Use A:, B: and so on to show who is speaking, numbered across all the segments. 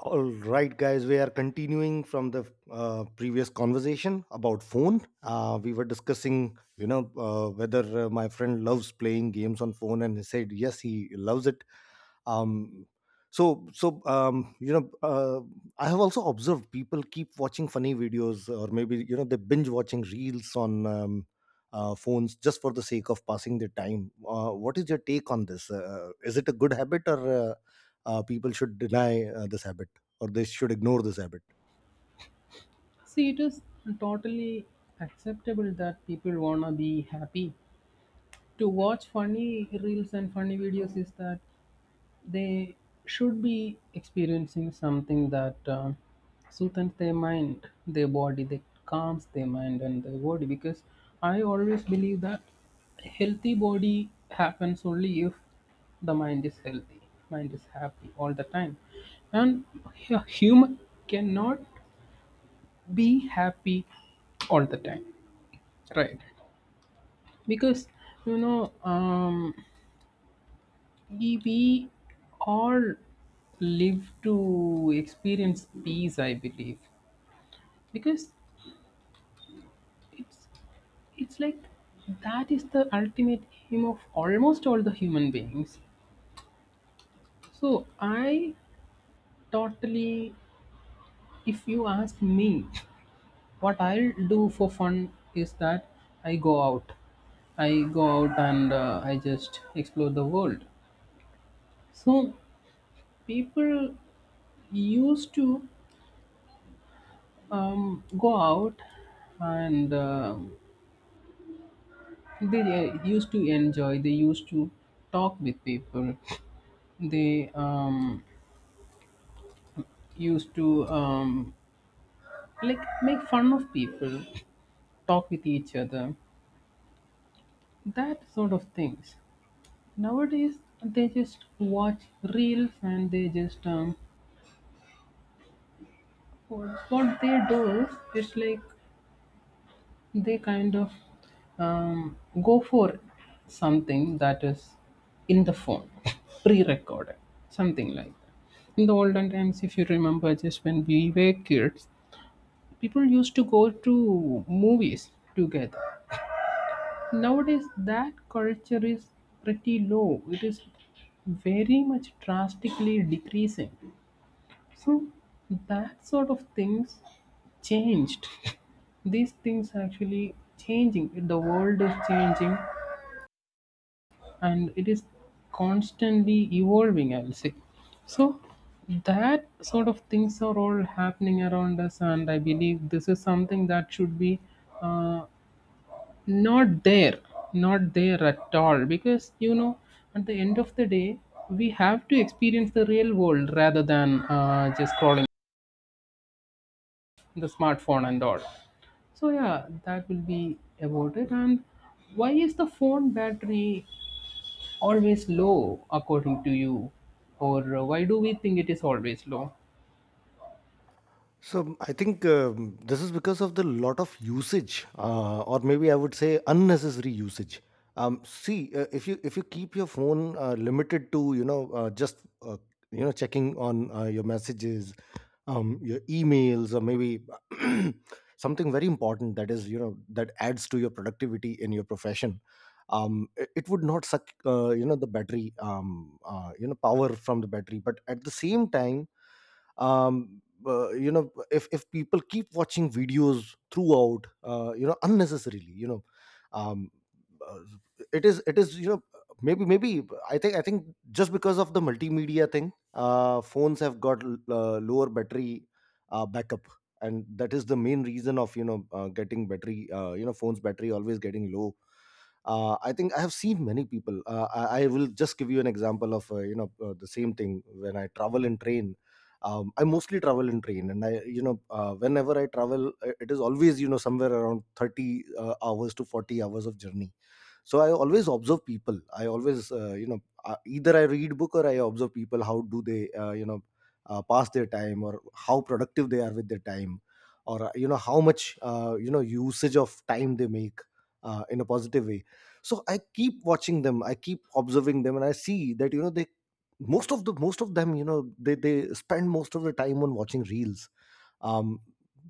A: All right, guys, we are continuing from the previous conversation about phone. We were discussing, whether my friend loves playing games on phone, and he said yes, he loves it. um, so, I have also observed people keep watching funny videos, or maybe they binge watching reels on phones just for the sake of passing their time. What is your take on this? Is it a good habit, or people should deny this habit, or they should ignore this habit?
B: See, it is totally acceptable that people wanna be happy. To watch funny reels and funny videos is that they should be experiencing something that soothes their mind, their body, that calms their mind and their body. Because I always believe that healthy body happens only if the mind is healthy, mind is happy all the time, and human cannot be happy all the time, right? Because you know um we all live to experience peace, I believe, because it's it's like that is the ultimate aim of almost all the human beings. So I totally, if you ask me what I'll do for fun is that i go out I go out and I just explore the world. So people used to go out and they used to enjoy. They used to talk with people. They used to like make fun of people, talk with each other, that sort of things. Nowadays they just watch reels, and they just what they do is it's like they kind of um, go for something that is in the phone, pre-recorded, something like that. In the olden times, if you remember, just when we were kids, people used to go to movies together. Nowadays, that culture is pretty low. It is very much drastically decreasing. So that sort of things changed. These things actually changing. The world is changing and it is constantly evolving, I'll say. So that sort of things are all happening around us, and I believe this is something that should be uh, not there, not there at all. Because at the end of the day, we have to experience the real world rather than just scrolling the smartphone and all. So yeah, that will be about it. And why is the phone battery always low according to you? Or why do we think it is always low?
A: So, I think this is because of the lot of usage, or maybe I would say unnecessary usage. See, if you keep your phone limited to just checking on your messages, your emails, or maybe something very important that is, that adds to your productivity in your profession. It would not suck the battery, power from the battery. But at the same time, um if people keep watching videos throughout, unnecessarily, um uh, it is maybe, I think, just because of the multimedia thing, phones have got lower battery backup, and that is the main reason of getting battery, phones battery always getting low. I think I have seen many people. I will just give you an example of the same thing when I travel in train. I mostly travel in train, and I, whenever I travel, it is always, you know, somewhere around 30 hours to 40 hours of journey. So I always observe people. I always, either I read book, or I observe people how do they, pass their time, or how productive they are with their time, or how much usage of time they make in a positive way. So I keep watching them, I keep observing them, and I see that, they, most of them, they spend most of the time on watching reels. um,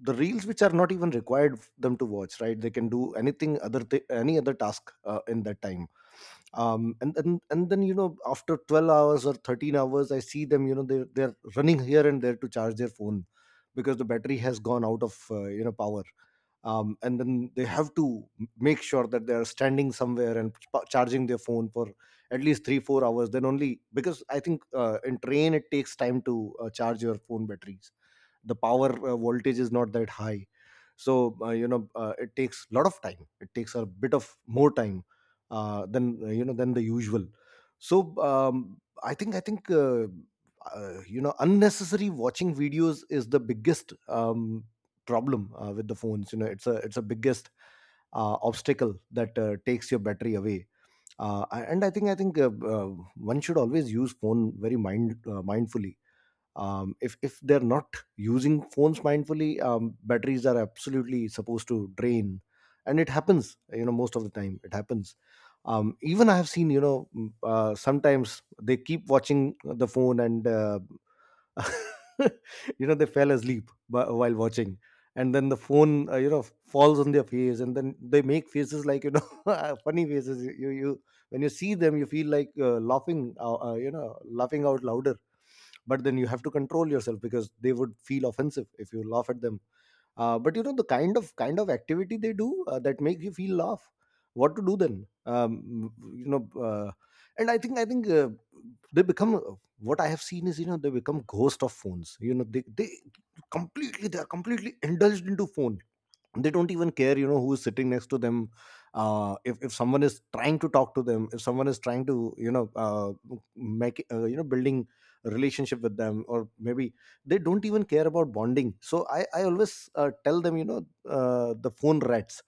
A: the reels which are not even required them to watch, right? They can do anything, any other task, in that time. And then, after 12 hours or 13 hours, I see them, they're running here and there to charge their phone, because the battery has gone out of power. And then they have to make sure that they are standing somewhere and charging their phone for at least 3 4 hours, then only, because I think in train it takes time to charge your phone batteries. The power voltage is not that high. So it takes a lot of time, it takes a bit of more time than than the usual. So, I think, unnecessary watching videos is the biggest problem with the phones. It's a biggest obstacle that takes your battery away. And I think, one should always use phone very mindfully. If they're not using phones mindfully, batteries are absolutely supposed to drain, and it happens, most of the time it happens. Even I have seen, sometimes they keep watching the phone and they fell asleep while watching, and then the phone falls on their face, and then they make faces like, funny faces. You, when you see them, you feel like laughing, laughing out loud. But then you have to control yourself, because they would feel offensive if you laugh at them. But the kind of activity they do, that make you feel laugh. What to do then? You know uh, and I think, they become, what I have seen is, they become ghost of phones. They are completely indulged into phone. They don't even care, who is sitting next to them. If someone is trying to talk to them, if someone is trying to, make you know building a relationship with them, or maybe they don't even care about bonding. So I always tell them, the phone rats.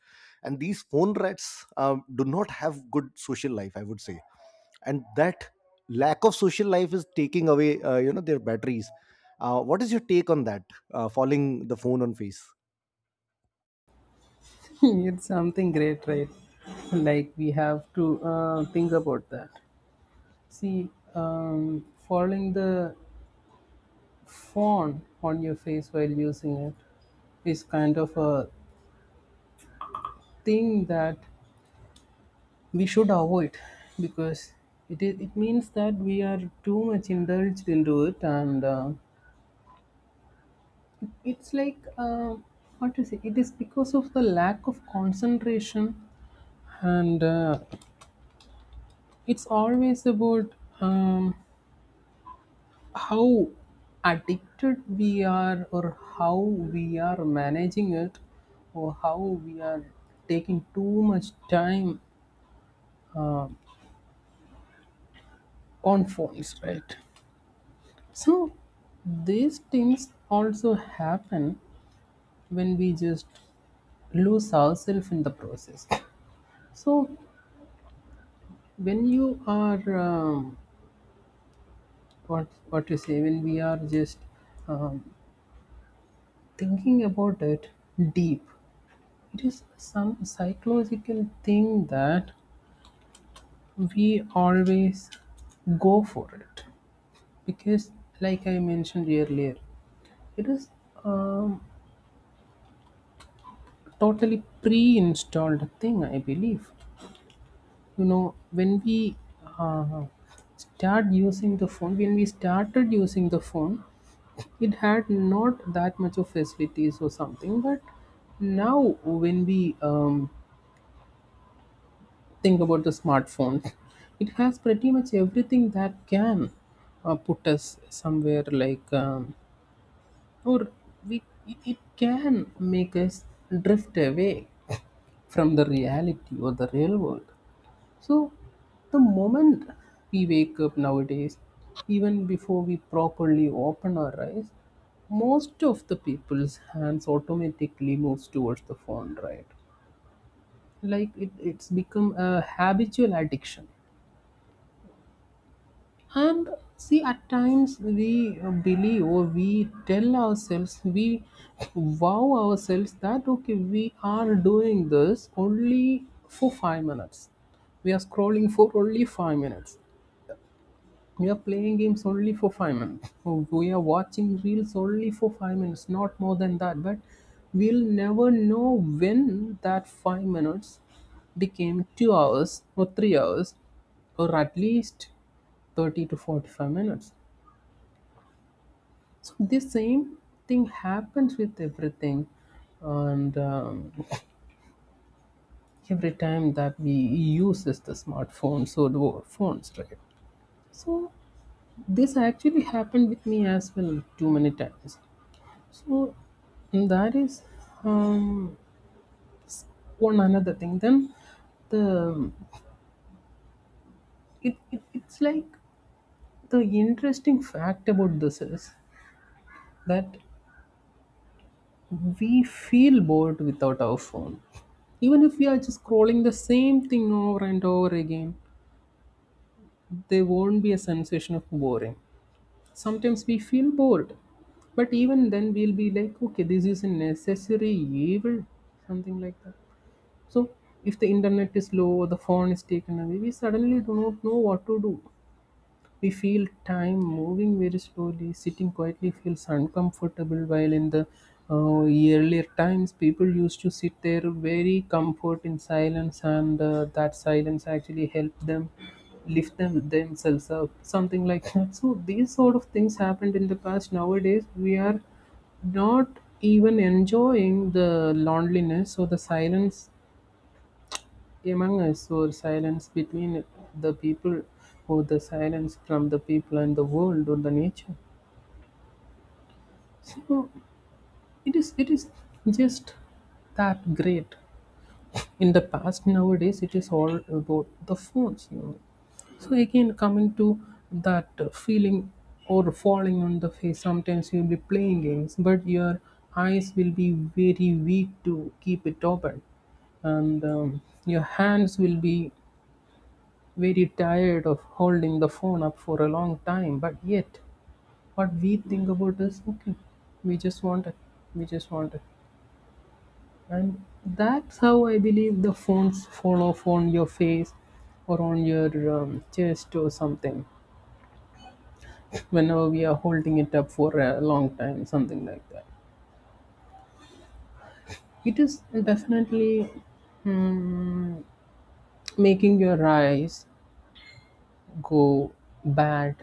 A: And these phone rats do not have good social life, I would say. And that lack of social life is taking away their batteries. What is your take on that, falling the phone on face?
B: It's something great, right? Like we have to think about that. See, falling the phone on your face while using it is kind of a thing that we should avoid because it means that we are too much indulged into it. And it's like, what to say, it is because of the lack of concentration. And it's always about um, how addicted we are, or how we are managing it, or how we are taking too much time uh, on phones, right? So these things also happen when we just lose ourselves in the process. So when you are what you say, when we are just um, thinking about it deep, it is some psychological thing that we always go for it because, like I mentioned earlier, it is um, totally pre-installed thing. I believe, you know when we uh, when we started using the phone, it had not that much of facilities or something. But now, when we think about the smartphone, it has pretty much everything that can put us somewhere, like, or we it can make us drift away from the reality or the real world. So, the moment we wake up nowadays, even before we properly open our eyes, most of the people's hands automatically moves towards the phone, right? Like it's become a habitual addiction. And see, at times we believe, or we tell ourselves, we wow ourselves that, okay, we are doing this only for 5 minutes, we are scrolling for only 5 minutes, we are playing games only for 5 minutes. So we are watching reels only for 5 minutes, not more than that. But we'll never know when that 5 minutes became 2 hours or 3 hours or at least 30 to 45 minutes. So this same thing happens with everything. And every time that we use is the smartphones or the phones, right? So this actually happened with me as well too many times. So that is um, one another thing. Then the it's like, the interesting fact about this is that we feel bored without our phone, even if we are just scrolling the same thing over and over again. There won't be a sensation of boring. Sometimes we feel bored, but even then we'll be like, okay, this is a necessary evil, something like that. So if the internet is low or the phone is taken away, we suddenly do not know what to do. We feel time moving very slowly. Sitting quietly feels uncomfortable. While in the earlier times, people used to sit there very comfort in silence, and that silence actually helped them lift them themselves up. Something like that. So these sort of things happened in the past. Nowadays, we are not even enjoying the loneliness or the silence among us, or silence between the people, or the silence from the people and the world or the nature. So it is just that great. In the past, nowadays, it is all about the phones. You know. So again, coming to that feeling, or falling on the face, sometimes you'll be playing games, but your eyes will be very weak to keep it open, and your hands will be very tired of holding the phone up for a long time, but yet what we think about is, okay, we just want it, we just want it. And that's how I believe the phones fall off on your face, or on your chest or something, whenever we are holding it up for a long time, something like that. It is definitely mm, making your eyes go bad,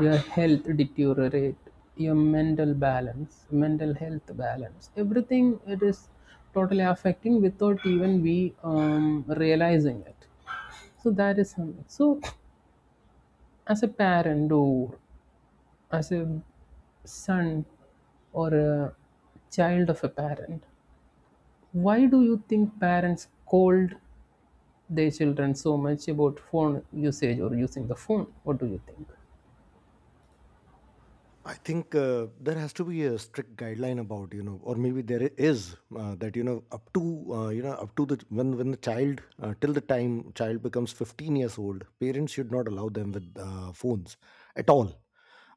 B: your health deteriorate, your mental balance, mental health balance, everything it is totally affecting without even we realizing it. So that is something. So as a parent, or as a son or a child of a parent, why do you think parents scold their children so much about phone usage or using the phone? What do you think?
A: I think there has to be a strict guideline about, or maybe there is that, up to, up to the, when the child, till the time child becomes 15 years old, parents should not allow them with phones at all.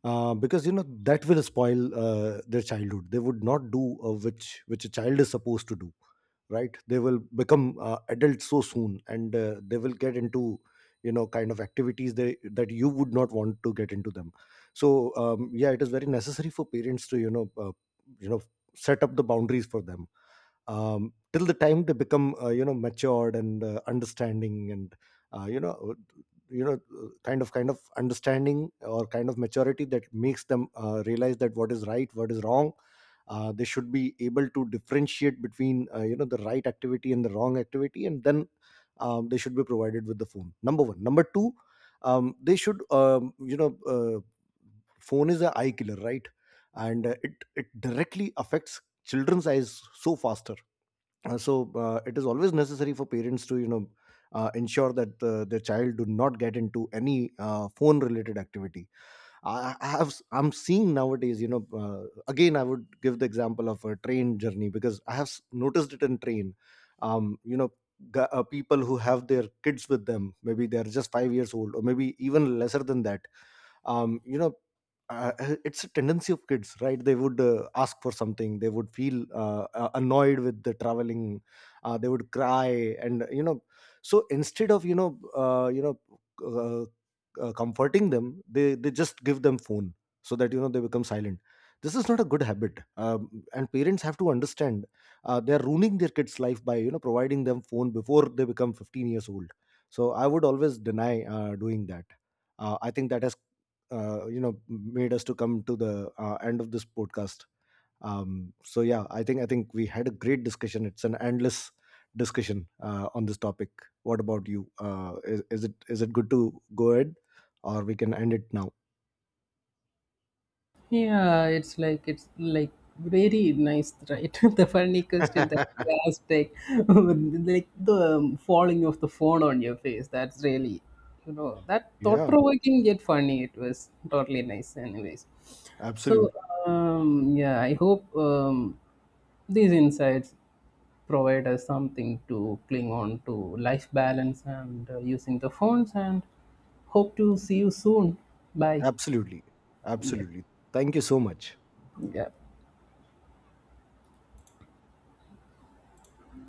A: Because that will spoil their childhood. They would not do which a child is supposed to do, right? They will become adults so soon, and they will get into, kind of activities that you would not want to get into them. So yeah, it is very necessary for parents to, you know set up the boundaries for them, till the time they become matured and understanding, and uh, you know uh, kind of understanding, or kind of maturity that makes them realize that what is right, what is wrong. They should be able to differentiate between the right activity and the wrong activity, and then, they should be provided with the phone. Number one. Number two, they should, phone is a eye killer, right? And it directly affects children's eyes so faster. So it is always necessary for parents to, ensure that their child do not get into any phone related activity. I have, I'm seeing nowadays, again I would give the example of a train journey, because I have noticed it in train. um, you know people who have their kids with them, maybe they're just 5 years old or maybe even lesser than that. um, you know it's a tendency of kids, right? They would ask for something, they would feel annoyed with the traveling, they would cry, and so instead of uh, comforting them, they just give them phone so that they become silent. This is not a good habit, and parents have to understand, they're ruining their kids life by, providing them phone before they become 15 years old. So I would always deny doing that. I think that has, made us to come to the end of this podcast. So yeah, I think we had a great discussion, it's an endless discussion on this topic. What about you? Is it good to go ahead, or we can end it now?
B: Yeah, it's like very nice, right? The funny question that you asked, like, like the falling of the phone on your face. That's really, that thought
A: Yeah,
B: provoking yet funny. It was totally nice, anyways. So,
A: absolutely,
B: yeah, I hope these insights provide us something to cling on to life balance and using the phones. And hope to see you soon. Bye.
A: absolutely,
B: Yeah.
A: absolutely. Thank you so much.
B: Yeah.